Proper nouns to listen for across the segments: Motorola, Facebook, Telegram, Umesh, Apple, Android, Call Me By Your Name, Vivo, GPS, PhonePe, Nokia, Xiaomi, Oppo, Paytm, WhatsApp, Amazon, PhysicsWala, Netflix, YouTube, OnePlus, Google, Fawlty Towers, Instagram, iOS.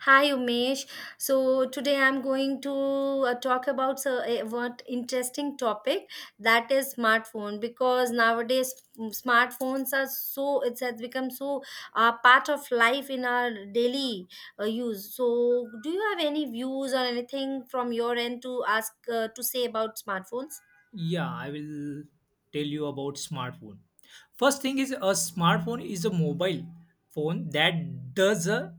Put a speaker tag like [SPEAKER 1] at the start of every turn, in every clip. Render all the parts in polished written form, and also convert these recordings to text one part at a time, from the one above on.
[SPEAKER 1] Hi Umesh. So today I'm going to talk about so, what interesting topic that is smartphone because nowadays smartphones are so it has become so part of life in our daily use. So do you have any views or anything from your end to ask to say about smartphones?
[SPEAKER 2] Yeah, I will tell you about smartphone. First thing is a smartphone is a mobile phone that does a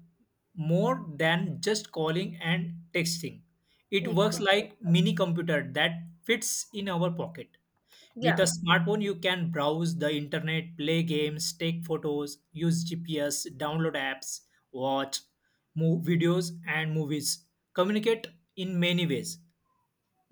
[SPEAKER 2] more than just calling and texting. It
[SPEAKER 1] Like,
[SPEAKER 2] works like mini computer that fits in our pocket. With
[SPEAKER 1] yeah.
[SPEAKER 2] a smartphone you can browse the internet, play games, take photos, use GPS, download apps, watch videos and movies. Communicate in many ways.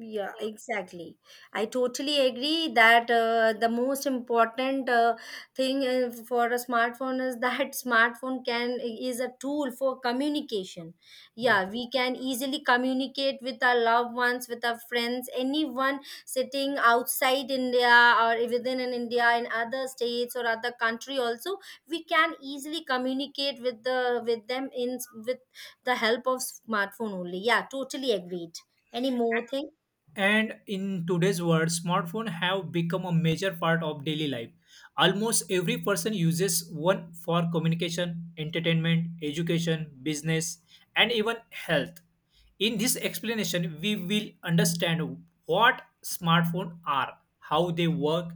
[SPEAKER 1] Yeah, exactly. I totally agree that the most important thing for a smartphone is that smartphone can is a tool for communication. Yeah, we can easily communicate with our loved ones, with our friends, anyone sitting outside India or within in India in other states or other country also, we can easily communicate with them in with the help of smartphone only. Yeah, totally agreed. Any more thing?
[SPEAKER 2] And in today's world, smartphones have become a major part of daily life. Almost every person uses one for communication, entertainment, education, business, and even health. In this explanation, we will understand what smartphones are, how they work,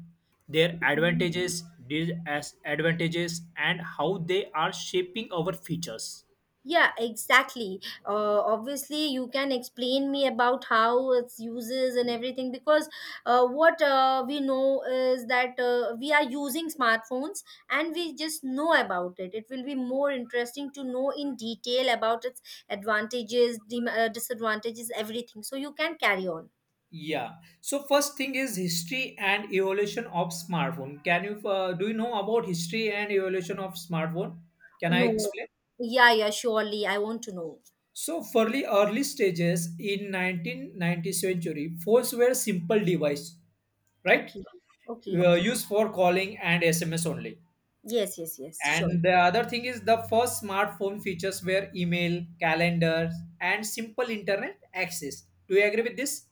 [SPEAKER 2] their advantages, disadvantages, and how they are shaping our futures.
[SPEAKER 1] Yeah, exactly. Obviously, you can explain me about how its uses and everything because what we know is that we are using smartphones and we just know about it. It will be more interesting to know in detail about its advantages, disadvantages, everything. So you can carry on.
[SPEAKER 2] Yeah. So first thing is history and evolution of smartphone. Can you Do you know about history and evolution of smartphone? Can I
[SPEAKER 1] No.
[SPEAKER 2] explain?
[SPEAKER 1] Yeah, yeah, surely. I want to know.
[SPEAKER 2] So for the early stages in 1990th century, phones were simple device, right?
[SPEAKER 1] Okay. Okay.
[SPEAKER 2] Used for calling and SMS only.
[SPEAKER 1] Yes, yes, yes. Sure.
[SPEAKER 2] And the other thing is the first smartphone features were email, calendars, and simple internet access. Do you agree with this?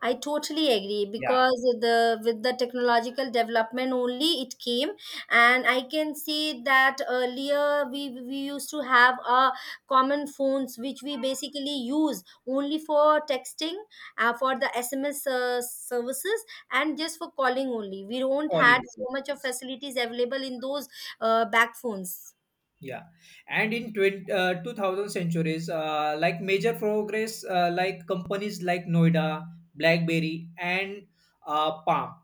[SPEAKER 1] I totally agree
[SPEAKER 2] Yeah,
[SPEAKER 1] because the with the technological development only it came and I can see that earlier we used to have a common phones which we basically use only for texting for the SMS services and just for calling only we don't had
[SPEAKER 2] calling.
[SPEAKER 1] so much of facilities available in those back phones.
[SPEAKER 2] Yeah, and in 2000 centuries, like major progress, like companies like Noida, BlackBerry, and Palm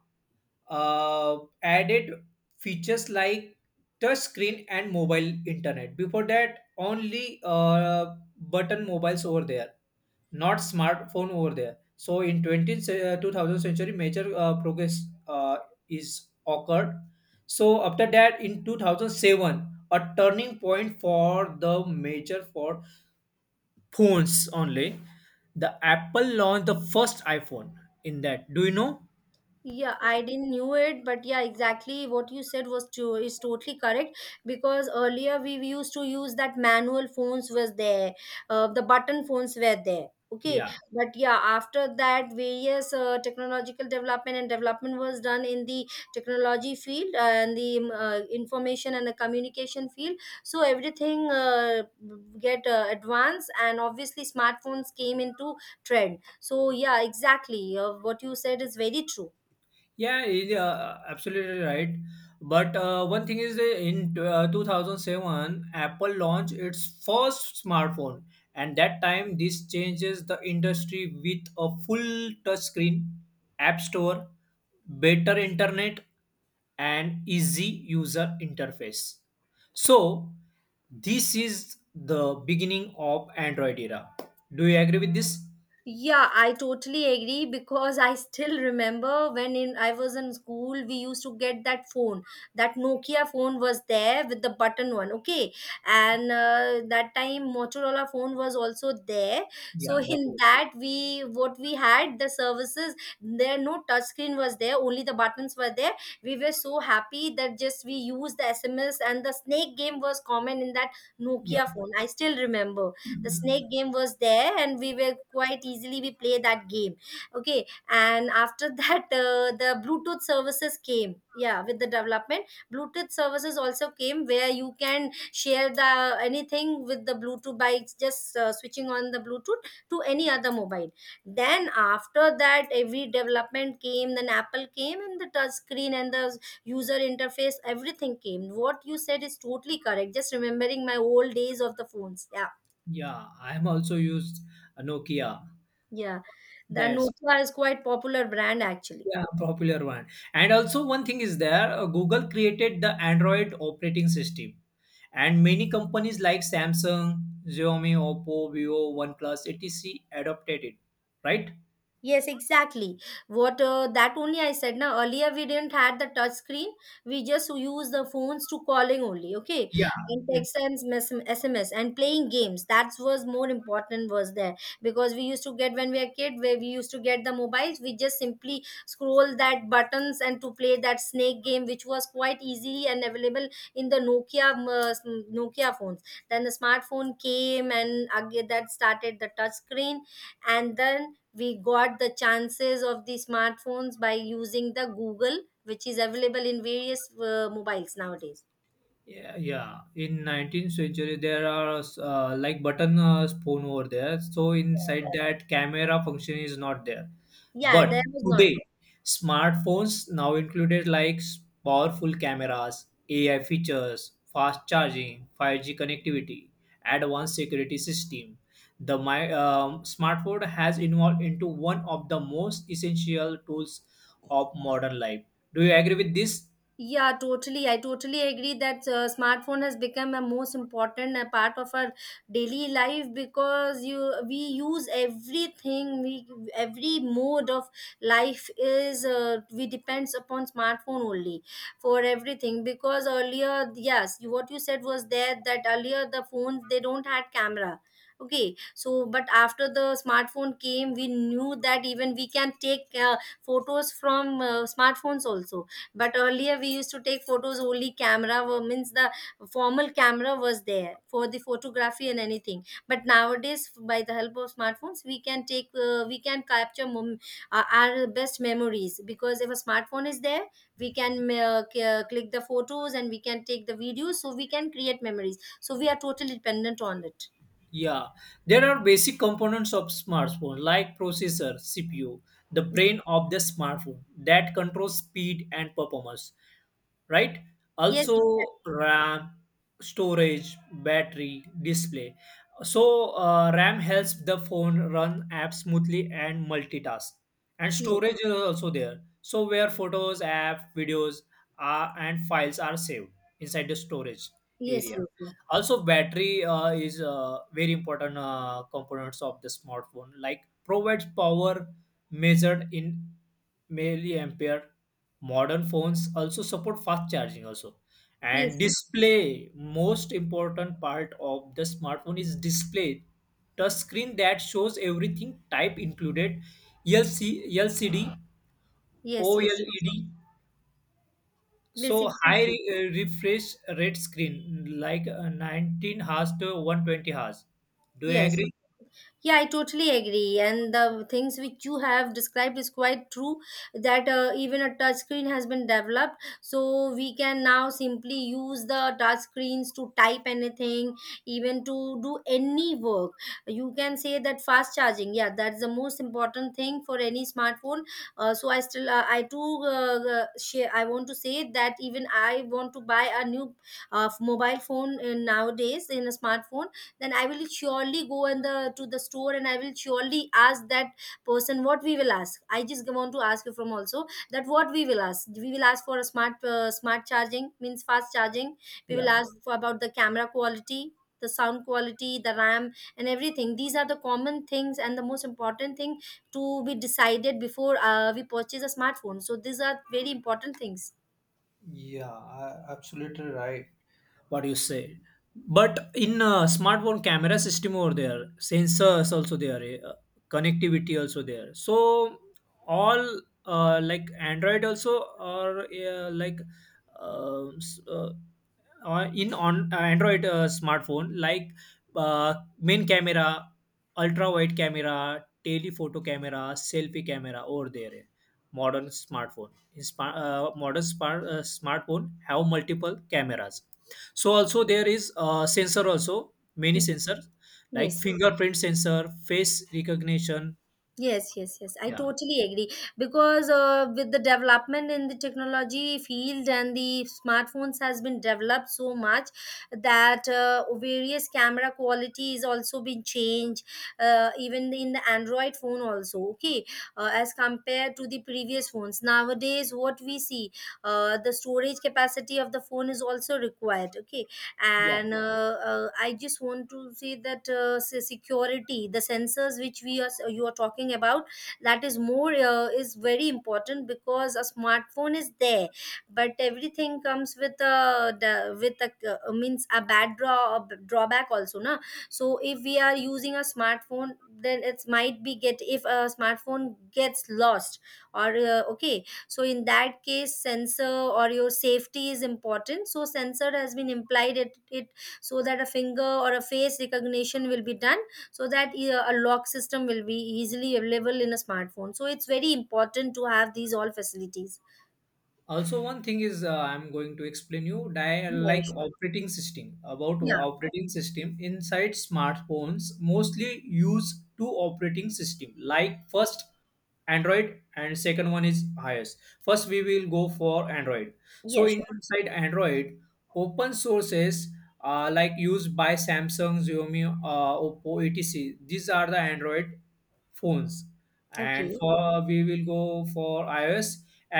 [SPEAKER 2] added features like touch screen and mobile internet. Before that, only button mobiles over there, not smartphone over there. So in 2000 century, major progress is occurred. So after that, in 2007, a turning point for the major for phones only. The Apple launched the first iPhone in that. Do you know?
[SPEAKER 1] Yeah, I didn't knew it, but yeah, exactly what you said was true is totally correct because earlier we used to use that manual phones was there, the button phones were there. Okay,
[SPEAKER 2] Yeah.
[SPEAKER 1] but yeah, after that, various technological development and development was done in the technology field and the information and the communication field. So everything get advanced, and obviously smartphones came into trend. So yeah, exactly, what you said is very true.
[SPEAKER 2] Yeah, it, absolutely right. But one thing is, in 2007, Apple launched its first smartphone, and that time this changes the industry with a full touchscreen, app store, better internet, and easy user interface. So, this is the beginning of Android era. Do you agree with this?
[SPEAKER 1] Yeah, I totally agree because I still remember when in I was in school, we used to get that phone. That Nokia phone was there with the button one, okay? And that time Motorola phone was also there. So
[SPEAKER 2] Yeah, what?
[SPEAKER 1] in that we what we had the services there, no touch screen was there, only the buttons were there. We were so happy that just we used the SMS and the snake game was common in that Nokia phone. I still remember the
[SPEAKER 2] Yeah.
[SPEAKER 1] snake game was there and we were quite easily we play that game, okay. And after that the bluetooth services came, yeah, with the development bluetooth services also came where you can share the anything with the bluetooth by just switching on the bluetooth to any other mobile. Then after that every development came, then apple came and the touch screen and the user interface everything came. What you said is totally correct, just remembering my old days of the phones, yeah.
[SPEAKER 2] Yeah, I'm also used Nokia.
[SPEAKER 1] Yeah, the
[SPEAKER 2] That's,
[SPEAKER 1] Nutra is quite popular brand actually.
[SPEAKER 2] yeah, popular one. And also one thing is there, Google created the Android operating system, and many companies like Samsung, Xiaomi, Oppo, Vivo, OnePlus, etc. adopted it. Right?
[SPEAKER 1] Yes, exactly. What that only I said now earlier we didn't had the touch screen. We just use the phones to calling only, okay,
[SPEAKER 2] Yeah.
[SPEAKER 1] and text and SMS and playing games. That was more important was there because we used to get when we are kid where we used to get the mobiles. We just simply scroll that buttons and to play that snake game, which was quite easily and available in the Nokia Nokia phones. Then the smartphone came and again that started the touch screen and then we got the chances of the smartphones by using the google which is available in various mobiles nowadays.
[SPEAKER 2] Yeah, yeah. In 19th century, there are like button phone over there. So inside that, camera function is not there.
[SPEAKER 1] Yeah,
[SPEAKER 2] But
[SPEAKER 1] there was not.
[SPEAKER 2] today, smartphones now included like powerful cameras, AI features, fast charging, 5G connectivity, advanced security system. The my smartphone has evolved into one of the most essential tools of modern life. Do you agree with this?
[SPEAKER 1] Yeah, totally. I totally agree that smartphone has become a most important part of our daily life because you we use everything. We every mode of life is we depends upon smartphone only for everything. Because earlier, yes, you, what you said was there that earlier the phones they don't had camera. Okay, so but after the smartphone came, we knew that even we can take photos from smartphones also, but earlier we used to take photos only camera means the formal camera was there for the photography and anything. But nowadays by the help of smartphones we can take we can capture our best memories because if a smartphone is there we can click the photos and we can take the videos, so we can create memories, so we are totally dependent on it.
[SPEAKER 2] Yeah, there are basic components of smartphone like processor, CPU, the brain of the smartphone that controls speed and performance, right?
[SPEAKER 1] Yes,
[SPEAKER 2] Also,
[SPEAKER 1] exactly.
[SPEAKER 2] RAM, storage, battery, display. So, RAM helps the phone run apps smoothly and multitask. And
[SPEAKER 1] yes,
[SPEAKER 2] storage is also there. So, where photos, app, videos, are and files are saved inside the storage
[SPEAKER 1] yes.
[SPEAKER 2] area.
[SPEAKER 1] Yes,
[SPEAKER 2] Also battery is very important components of the smartphone, like provides power measured in milliampere. Modern phones also support fast charging also.
[SPEAKER 1] yes,
[SPEAKER 2] And
[SPEAKER 1] yes,
[SPEAKER 2] display, most important part of the smartphone, is display touch screen that shows everything type included LCD,
[SPEAKER 1] yes, yes,
[SPEAKER 2] OLED.
[SPEAKER 1] yes. Yes,
[SPEAKER 2] So high
[SPEAKER 1] exactly.
[SPEAKER 2] refresh rate screen like 19 hours to 120 hours. Do you
[SPEAKER 1] Yes.
[SPEAKER 2] agree?
[SPEAKER 1] Yeah, I totally agree. And the things which you have described is quite true that even a touch screen has been developed. So we can now simply use the touch screens to type anything, even to do any work. You can say that fast charging, yeah, that's the most important thing for any smartphone. So I still, I too, share, I want to say that even I want to buy a new mobile phone nowadays in a smartphone, then I will surely go in the store and I will surely ask that person what we will ask. I just want to ask you from also that what we will ask. We will ask for a smart charging means fast charging, we will
[SPEAKER 2] Yeah,
[SPEAKER 1] ask for about the camera quality, the sound quality, the ram and everything. These are the common things and the most important thing to be decided before we purchase a smartphone, so these are very important things.
[SPEAKER 2] yeah, absolutely right. What you say. But in smartphone camera system over there, sensors also there, connectivity also there. So all, like Android also, or like s- in on Android smartphone, like uh, main camera, ultra wide camera, telephoto camera, selfie camera over there. Modern smartphone, modern smartphone have multiple cameras. So also there is a sensor, also many sensors, like
[SPEAKER 1] Yes.
[SPEAKER 2] fingerprint sensor, face recognition.
[SPEAKER 1] Yes, yes, yes. I
[SPEAKER 2] Yeah.
[SPEAKER 1] totally agree because with the development in the technology field and the smartphones has been developed so much that various camera quality is also been changed even in the Android phone also. Okay, as compared to the previous phones nowadays, what we see the storage capacity of the phone is also required. Okay,
[SPEAKER 2] Yeah,
[SPEAKER 1] and I just want to say that security the sensors which we are you are talking about, that is more is very important because a smartphone is there but everything comes with with a means a bad draw a drawback also na. So if we are using a smartphone, then it might be get if a smartphone gets lost or okay. So in that case sensor or your safety is important, so sensor has been implied it so that a finger or a face recognition will be done, so that a lock system will be easily available in a smartphone, so it's very important to have these all facilities.
[SPEAKER 2] also one thing is, I'm going to explain you,
[SPEAKER 1] Yeah,
[SPEAKER 2] like
[SPEAKER 1] sure.
[SPEAKER 2] operating system, about
[SPEAKER 1] Yeah.
[SPEAKER 2] operating system. Inside smartphones mostly use two operating system, like first Android and second one is iOS. First we will go for Android.
[SPEAKER 1] Yeah,
[SPEAKER 2] So
[SPEAKER 1] sure.
[SPEAKER 2] inside Android, open sources, like used by Samsung, Xiaomi, Oppo, etc. These are the Android phones. And
[SPEAKER 1] Okay.
[SPEAKER 2] for we will go for iOS.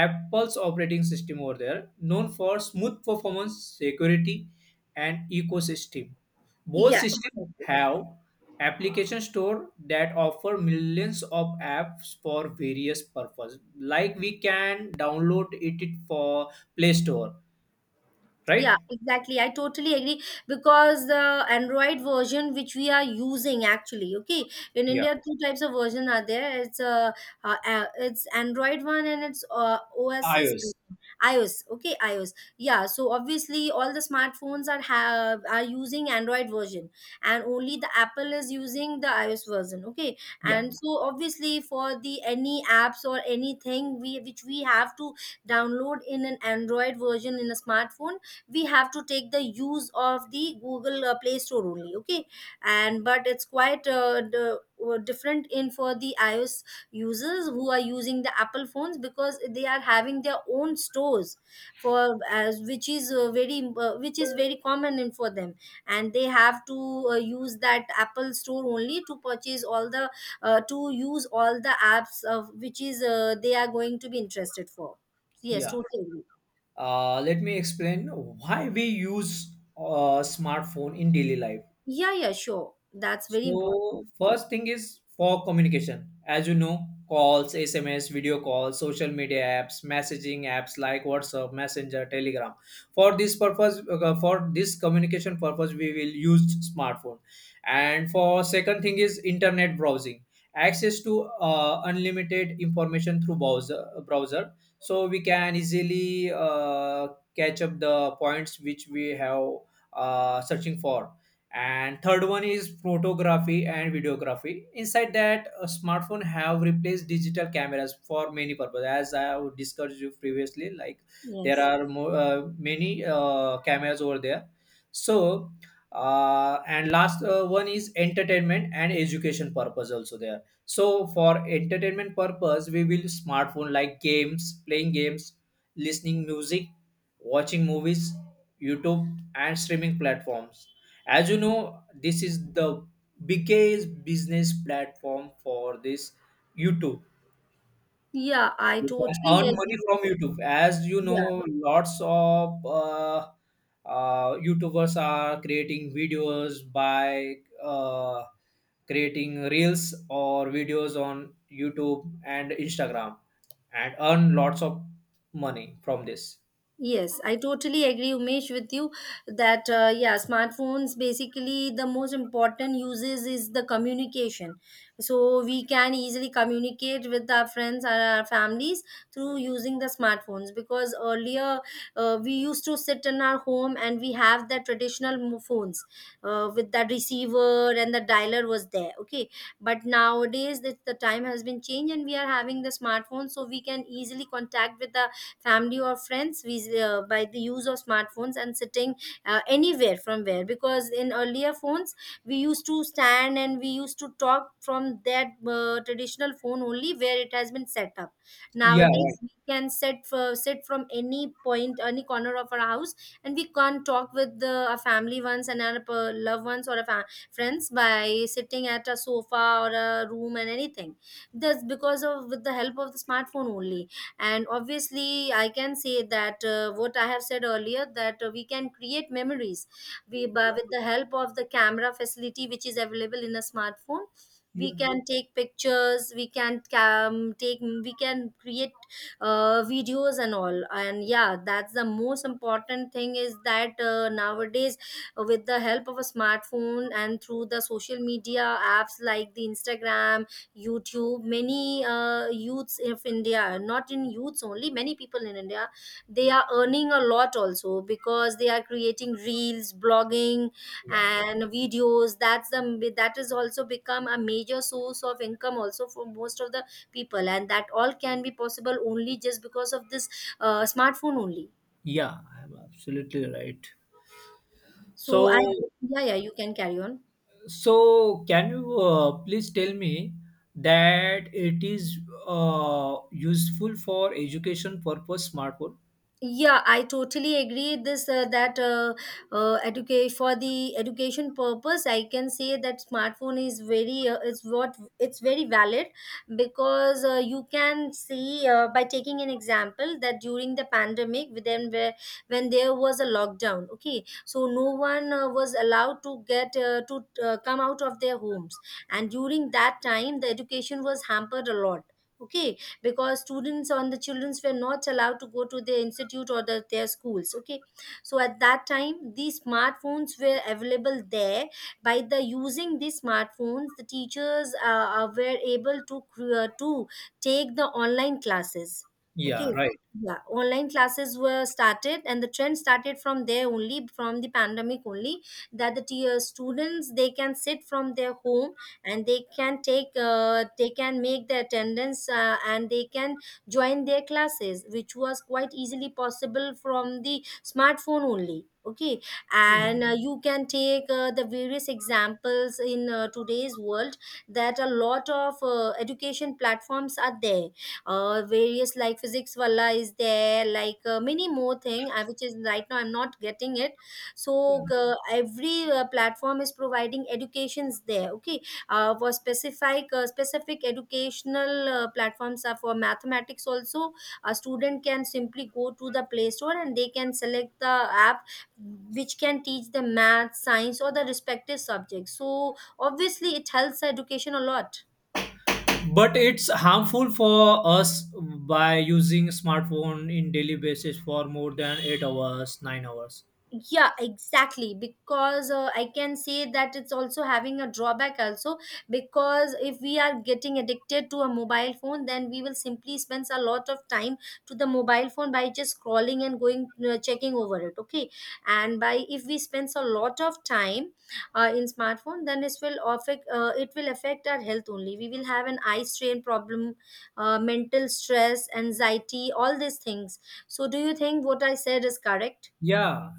[SPEAKER 2] Apple's operating system over there, known for smooth performance, security, and ecosystem. Both
[SPEAKER 1] Yeah,
[SPEAKER 2] systems
[SPEAKER 1] exactly.
[SPEAKER 2] have application store that offer millions of apps for various purpose, like we can download it for Play Store,
[SPEAKER 1] Yeah,
[SPEAKER 2] right?
[SPEAKER 1] exactly. I totally agree because the Android version which we are using actually, okay, in
[SPEAKER 2] Yeah.
[SPEAKER 1] India, two types of version are there. It's it's Android one and it's OS's
[SPEAKER 2] iOS.
[SPEAKER 1] iOS. Okay, iOS. Yeah. So obviously, all the smartphones are have are using Android version, and only the Apple is using the iOS version. Okay,
[SPEAKER 2] Yeah,
[SPEAKER 1] and so obviously for the any apps or anything we which we have to download in an Android version in a smartphone, we have to take the use of the google play store only, okay. And but it's quite were different in for the ios users who are using the apple phones because they are having their own stores for as which is very which is very common in for them. And they have to use that apple store only to purchase all the to use all the apps of which is they are going to be interested for. Yes,
[SPEAKER 2] yeah.
[SPEAKER 1] totally.
[SPEAKER 2] Let me explain why we use a smartphone in daily life.
[SPEAKER 1] Yeah, yeah, sure. That's very important.
[SPEAKER 2] So first thing is for communication. As you know, calls, SMS, video calls, social media apps, messaging apps like WhatsApp, Messenger, Telegram. For this purpose, for this communication purpose, we will use smartphone. And for second thing is internet browsing. Access to unlimited information through browser. So we can easily catch up the points which we have searching for. And third one is photography and videography. Inside that, a smartphone have replaced digital cameras for many purposes, as I have discussed you previously. Like there
[SPEAKER 1] Yes.
[SPEAKER 2] are many cameras over there. So, and last one is entertainment and education purpose also there. So for entertainment purpose, we will smartphone, like games, playing games, listening music, watching movies, YouTube and streaming platforms. As you know, this is the biggest business platform for this YouTube.
[SPEAKER 1] Yeah, I
[SPEAKER 2] You can
[SPEAKER 1] totally
[SPEAKER 2] earn money
[SPEAKER 1] agree.
[SPEAKER 2] from YouTube, as you know,
[SPEAKER 1] Yeah.
[SPEAKER 2] lots of youtubers are creating videos by uh, creating reels or videos on YouTube and Instagram and earn lots of money from this.
[SPEAKER 1] Yes, I totally agree, Umesh, with you that yeah, smartphones basically the most important uses is the communication. So we can easily communicate with our friends and our families through using the smartphones because earlier we used to sit in our home and we have the traditional phones with that receiver and the dialer was there. Okay, but nowadays the time has been changed and we are having the smartphone, so we can easily contact with the family or friends by the use of smartphones and sitting anywhere from where, because in earlier phones we used to stand and we used to talk from that traditional phone only where it has been set up.
[SPEAKER 2] Yeah,
[SPEAKER 1] Nowadays
[SPEAKER 2] right.
[SPEAKER 1] we can sit from any point, any corner of our house, and we can talk with the our family ones and our loved ones or our friends by sitting at a sofa or a room and anything. That's because of with the help of the smartphone only. And obviously I can say that what I have said earlier, that we can create memories with the help of the camera facility which is available in a smartphone.
[SPEAKER 2] Yeah,
[SPEAKER 1] We can take pictures, we can take we can create videos and all. And yeah, that's the most important thing, is that nowadays with the help of a smartphone and through the social media apps like the Instagram, YouTube, many youths of India, not in youths only, many people in India, they are earning a lot also because they are creating reels, blogging
[SPEAKER 2] yeah,
[SPEAKER 1] and videos. That's the that is also become a major source of income also for most of the people, and that all can be possible only just because of this smartphone only.
[SPEAKER 2] yeah, I'm absolutely right.
[SPEAKER 1] So I.
[SPEAKER 2] So,
[SPEAKER 1] Yeah, yeah, you can carry on.
[SPEAKER 2] so, can you please tell me that it is useful for education purpose smartphone?
[SPEAKER 1] Yeah, I totally agree this that educate for the education purpose. I can say that smartphone is very it's what it's very valid because you can see by taking an example that during the pandemic, then where when there was a lockdown. Okay, so no one was allowed to get to come out of their homes, and during that time the education was hampered a lot. Okay, because students on the children's were not allowed to go to their institute or their schools. Okay, so at that time these smartphones were available there. By the using these smartphones, the teachers were able to take the online classes.
[SPEAKER 2] Yeah,
[SPEAKER 1] Okay.
[SPEAKER 2] right.
[SPEAKER 1] Yeah, online classes were started and the trend started from there only, from the pandemic only, that the students, they can sit from their home and they can take they can make the attendance and they can join their classes, which was quite easily possible from the smartphone only. Okay.
[SPEAKER 2] Yeah.
[SPEAKER 1] And you can take the various examples in today's world, that a lot of education platforms are there. Various, like Physics Wala is there, like many more thing which is right now I'm not getting it.
[SPEAKER 2] Yeah.
[SPEAKER 1] So every platform is providing educations there. Okay. For specific educational platforms are for mathematics also. A student can simply go to the Play Store and they can select the app which can teach them math, science or the respective subjects, so obviously it helps education a lot.
[SPEAKER 2] But it's harmful for us by using smartphone in daily basis for more than 8 hours, 9 hours.
[SPEAKER 1] Yeah, exactly, because I can say that it's also having a drawback also, because if we are getting addicted to a mobile phone, then we will simply spend a lot of time to the mobile phone by just scrolling and going checking over it. Okay. And by, if we spend a lot of time in smartphone, then it will affect our health only. We will have an eye strain problem, mental stress, anxiety, all these things. So, do you think what I said is correct?
[SPEAKER 2] Yeah,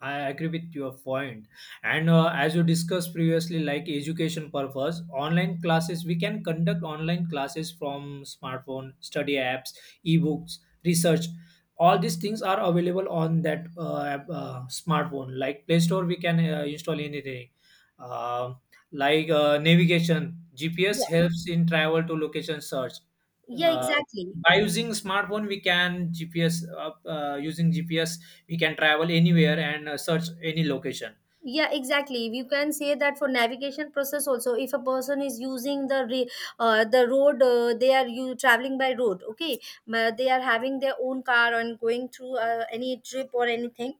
[SPEAKER 2] I agree with your point. And as you discussed previously, like education purpose, online classes, we can conduct online classes from smartphone, study apps, ebooks, research. All these things are available on that smartphone. Like Play Store, we can install anything. Uh, like navigation, GPS helps in travel to location search.
[SPEAKER 1] Yeah,
[SPEAKER 2] Uh,
[SPEAKER 1] exactly.
[SPEAKER 2] by using smartphone, we can GPS using GPS we can travel anywhere and search any location.
[SPEAKER 1] Yeah, exactly. You can say that for navigation process also, if a person is using the road, they are you traveling by road. Okay, they are having their own car and going through any trip or anything.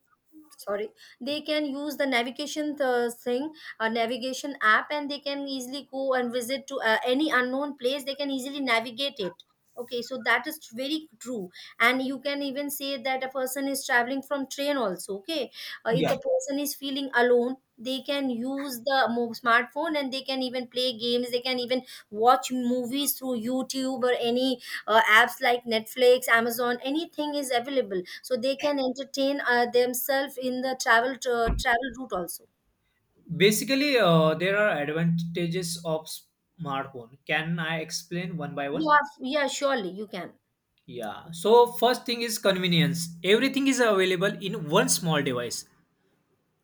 [SPEAKER 1] Sorry, they can use the navigation thing, a navigation app, and they can easily go and visit to any unknown place, they can easily navigate it. Okay, so that is very true. And you can even say that a person is traveling from train also. Okay, if
[SPEAKER 2] Yeah.
[SPEAKER 1] the person is feeling alone, they can use the smartphone and they can even play games, they can even watch movies through YouTube or any apps like Netflix, Amazon, anything is available, so they can entertain themselves in the travel route also.
[SPEAKER 2] Basically, there are advantages of smartphone. Can I explain one by one?
[SPEAKER 1] Yeah, yeah, surely you can.
[SPEAKER 2] Yeah. So first thing is convenience. Everything is available in one small device,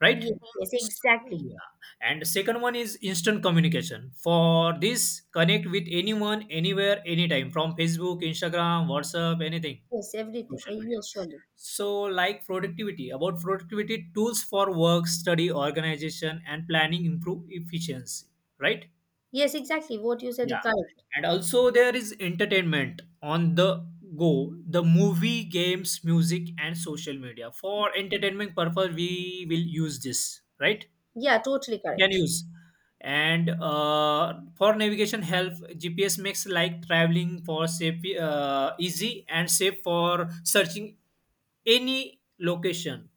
[SPEAKER 2] right?
[SPEAKER 1] Yes, yes exactly.
[SPEAKER 2] Yeah. And the second one is instant communication. For this, connect with anyone, anywhere, anytime, from Facebook, Instagram, WhatsApp, anything,
[SPEAKER 1] Yes, everything.
[SPEAKER 2] social media.
[SPEAKER 1] Yes, surely.
[SPEAKER 2] So, like productivity, about productivity tools for work, study, organization, and planning improve efficiency, right?
[SPEAKER 1] Yes, exactly, what you said
[SPEAKER 2] Yeah.
[SPEAKER 1] is correct.
[SPEAKER 2] And also, there is entertainment on the go, the movie, games, music, and social media. For entertainment purpose, we will use this, right?
[SPEAKER 1] Yeah, totally
[SPEAKER 2] We can
[SPEAKER 1] correct.
[SPEAKER 2] use. And for navigation help, GPS makes like traveling for safe, easy and safe for searching any location,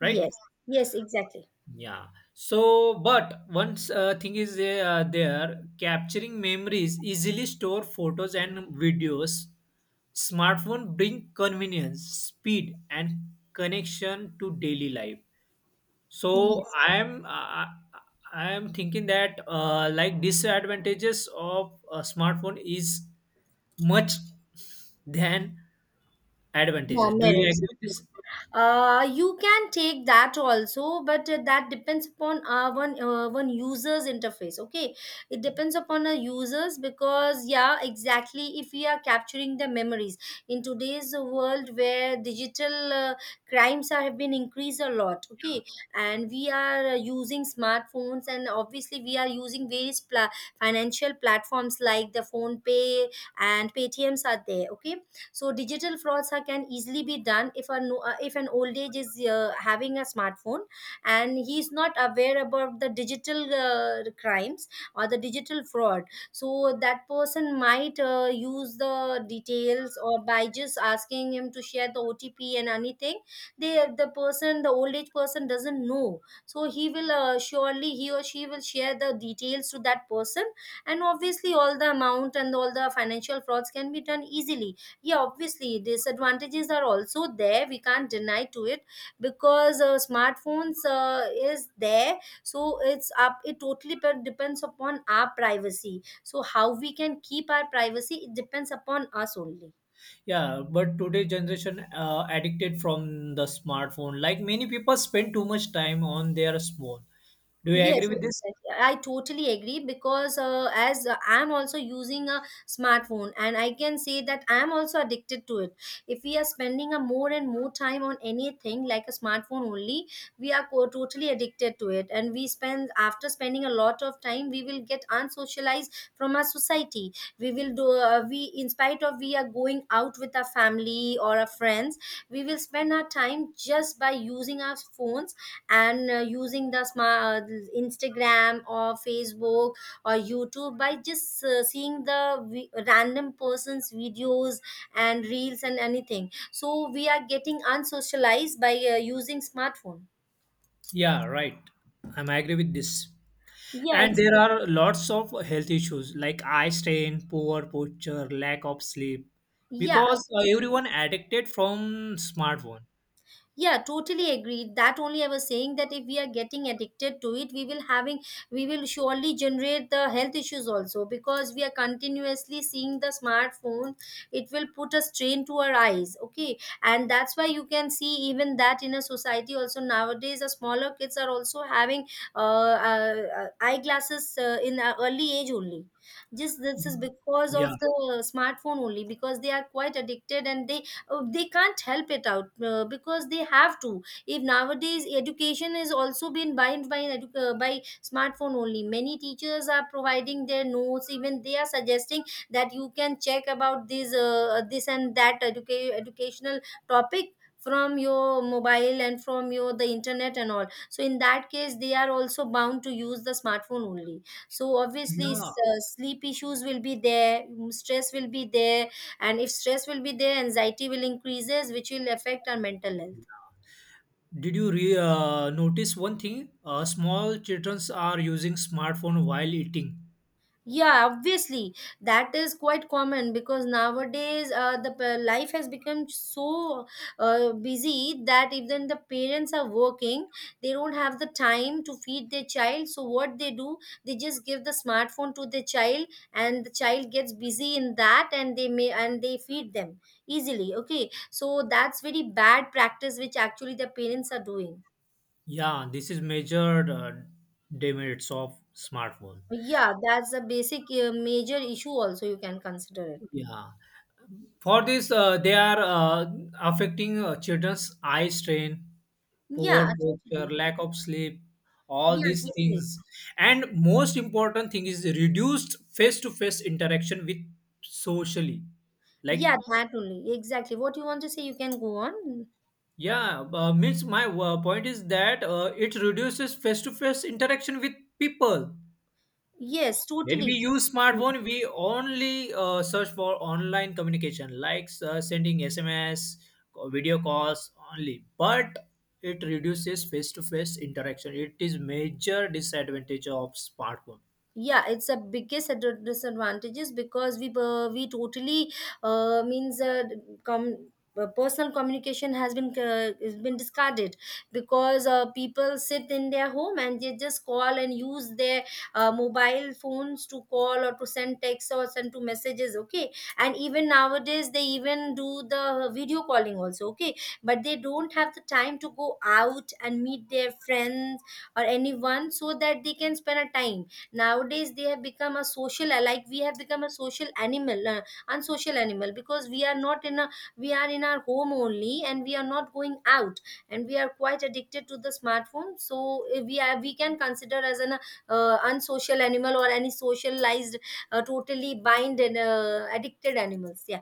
[SPEAKER 2] right?
[SPEAKER 1] Yes. Yes, exactly.
[SPEAKER 2] Yeah. So, but once thing is, there capturing memories, easily store photos and videos. Smartphone bring convenience, speed and connection to daily life. So
[SPEAKER 1] Yes.
[SPEAKER 2] I am thinking that, like disadvantages of a smartphone is much than
[SPEAKER 1] Yeah,
[SPEAKER 2] advantages. Do you
[SPEAKER 1] merits.
[SPEAKER 2] agree with
[SPEAKER 1] Okay.
[SPEAKER 2] this?
[SPEAKER 1] You can take that also, but that depends upon one user's interface. Okay, it depends upon a users, because yeah, exactly, if we are capturing the memories in today's world, where digital crimes have been increased a lot. Okay, and we are using smartphones, and obviously we are using various financial platforms like the Phone Pay and Paytm's are there. Okay, so digital frauds can easily be done if a if an old age is having a smartphone and he is not aware about the digital crimes or the digital fraud. So that person might use the details, or by just asking him to share the OTP and anything, they, the person, the old age person doesn't know, so he will surely, he or she will share the details to that person, and obviously all the amount and all the financial frauds can be done easily. Yeah, obviously disadvantages are also there, we can't deny to it, because smartphones is there. So it's up it totally depends upon our privacy, so how we can keep our privacy, it depends upon us only.
[SPEAKER 2] Yeah, but today's generation addicted from the smartphone. Like many people spend too much time on their phone. Do you
[SPEAKER 1] Yes,
[SPEAKER 2] agree with
[SPEAKER 1] exactly.
[SPEAKER 2] this?
[SPEAKER 1] I totally agree, because as I'm also using a smartphone, and I can say that I'm also addicted to it. If we are spending a more and more time on anything like a smartphone only, we are totally addicted to it, and we spend, after spending a lot of time, we will get unsocialized from our society. We will do, we in spite of we are going out with our family or our friends, we will spend our time just by using our phones and using the smart Instagram or Facebook or YouTube by just seeing the random person's videos and reels and anything. So we are getting unsocialized by using smartphone.
[SPEAKER 2] Yeah, right. I'm agree with this.
[SPEAKER 1] Yeah,
[SPEAKER 2] And there
[SPEAKER 1] exactly.
[SPEAKER 2] are lots of health issues like eye strain, poor posture, lack of sleep,
[SPEAKER 1] Yeah,
[SPEAKER 2] because
[SPEAKER 1] absolutely.
[SPEAKER 2] everyone addicted from smartphone.
[SPEAKER 1] Yeah, totally agreed, that only I was saying, that if we are getting addicted to it, we will having, we will surely generate the health issues also, because we are continuously seeing the smartphone, it will put a strain to our eyes. Okay, and that's why you can see even that in a society also, nowadays the smaller kids are also having eyeglasses in early age only. Just this is because
[SPEAKER 2] Yeah,
[SPEAKER 1] of the smartphone only, because they are quite addicted and they can't help it out, because they have to, if nowadays education is also been bind by an by smartphone only. Many teachers are providing their notes, even they are suggesting that you can check about this and that educational topic from your mobile and from your the internet and all, so in that case they are also bound to use the smartphone only. So obviously,
[SPEAKER 2] yeah.
[SPEAKER 1] sleep issues will be there, stress will be there, and if stress will be there, anxiety will increases, which will affect our mental health.
[SPEAKER 2] Did you notice one thing? Small children are using smartphone while eating.
[SPEAKER 1] Yeah, obviously. That is quite common because nowadays, the life has become so busy that even the parents are working, they don't have the time to feed their child, so what they do, they just give the smartphone to the child, and the child gets busy in that, and they may, and they feed them easily. Okay, so that's very bad practice which actually the parents are doing.
[SPEAKER 2] Yeah, this is major demerits of smartphone.
[SPEAKER 1] Yeah, that's a basic major issue also you can consider it.
[SPEAKER 2] Yeah, for this they are affecting children's eye strain,
[SPEAKER 1] Yeah,
[SPEAKER 2] poor posture,
[SPEAKER 1] totally.
[SPEAKER 2] lack of sleep, all
[SPEAKER 1] Yeah,
[SPEAKER 2] these
[SPEAKER 1] totally.
[SPEAKER 2] things. And most important thing is reduced face-to-face interaction with socially. Like
[SPEAKER 1] Yeah, that only. Exactly, what you want to say, you can go on.
[SPEAKER 2] yeah, means my point is that it reduces face-to-face interaction with people.
[SPEAKER 1] Yes,
[SPEAKER 2] When
[SPEAKER 1] totally.
[SPEAKER 2] we use smartphone, we only search for online communication, like sending SMS, video calls only, but it reduces face-to-face interaction. It is major disadvantage of smartphone.
[SPEAKER 1] Yeah, it's a biggest disadvantages, because we totally uh, means uh, com- personal communication has been discarded, because people sit in their home and they just call and use their mobile phones to call or to send texts or send to messages. Okay, and even nowadays they even do the video calling also. Okay, but they don't have the time to go out and meet their friends or anyone, so that they can spend a time. Nowadays they have become a social, like we have become a social animal, unsocial animal, because we are not in a, we are in our home only and we are not going out, and we are quite addicted to the smartphone. So we are, we can consider as an unsocial animal or any socialized, totally bind and addicted animals, yeah.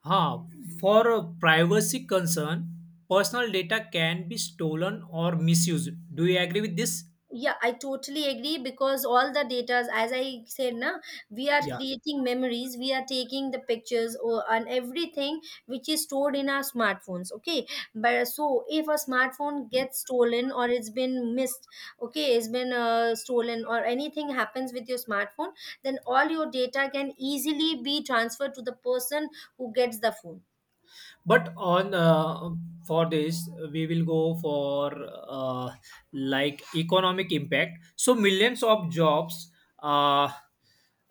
[SPEAKER 2] Huh. For a privacy concern, personal data can be stolen or misused. Do you agree with this?
[SPEAKER 1] Yeah, I totally agree, because all the data, as I said na, we are
[SPEAKER 2] Yeah.
[SPEAKER 1] creating memories, we are taking the pictures or and everything, which is stored in our smartphones. Okay, but so if a smartphone gets stolen or it's been missed, okay, it's been stolen or anything happens with your smartphone, then all your data can easily be transferred to the person who gets the phone.
[SPEAKER 2] But on for this we will go for, uh, like economic impact. So millions of jobs, uh,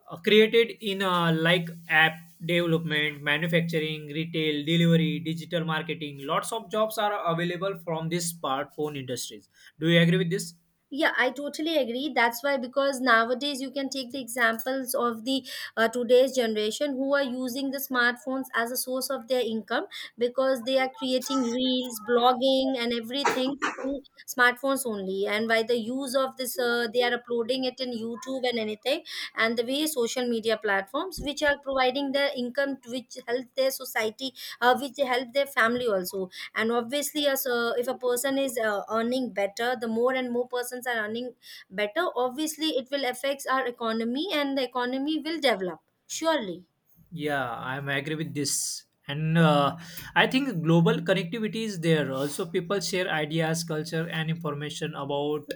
[SPEAKER 2] created in, like app development, manufacturing, retail, delivery, digital marketing. Lots of jobs are available from this smartphone industries. Do you agree with this?
[SPEAKER 1] Yeah, I totally agree, that's why, because nowadays you can take the examples of the today's generation who are using the smartphones as a source of their income, because they are creating reels, blogging and everything through smartphones only, and by the use of this they are uploading it in YouTube and anything, and the way social media platforms which are providing their income, which help their society, which help their family also. And obviously as if a person is earning better, the more and more persons are earning better, obviously it will affects our economy, and the economy will develop surely.
[SPEAKER 2] Yeah, I'm agree with this. And I think global connectivity is there. Also, people share ideas, culture, and information about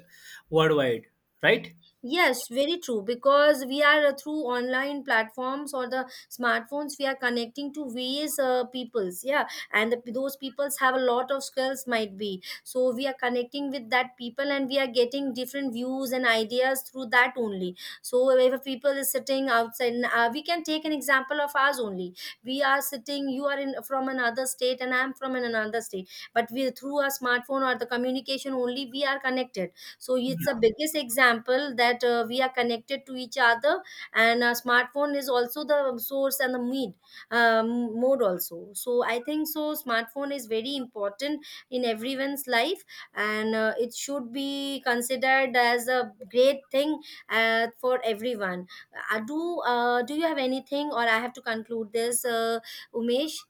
[SPEAKER 2] worldwide, right?
[SPEAKER 1] Yes, very true. Because we are through online platforms or the smartphones, we are connecting to various peoples. Yeah, and those peoples have a lot of skills, might be. So we are connecting with that people, and we are getting different views and ideas through that only. So if a people is sitting outside, and, we can take an example of ours only. We are sitting. You are in from another state, and I am from another state. But we through our smartphone or the communication only, we are connected. So it's the
[SPEAKER 2] Yeah.
[SPEAKER 1] biggest example that we are connected to each other. And smartphone is also the source and the mean, mode also. So I think so smartphone is very important in everyone's life, and it should be considered as a great thing for everyone. Do do you have anything, or I have to conclude this, Umesh,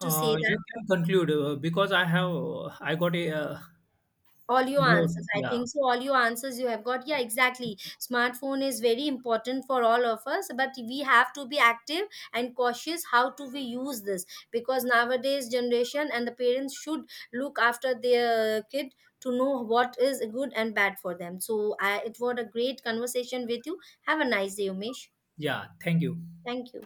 [SPEAKER 1] to say
[SPEAKER 2] You
[SPEAKER 1] that.
[SPEAKER 2] can conclude because I got a
[SPEAKER 1] All your
[SPEAKER 2] more.
[SPEAKER 1] answers, I
[SPEAKER 2] Yeah,
[SPEAKER 1] think so, all your answers you have got, yeah, exactly. Smartphone is very important for all of us, but we have to be active and cautious how do we use this, because nowadays generation and the parents should look after their kid to know what is good and bad for them. So I, it was a great conversation with you. Have a nice day, Umesh.
[SPEAKER 2] yeah. Thank you.
[SPEAKER 1] Thank you.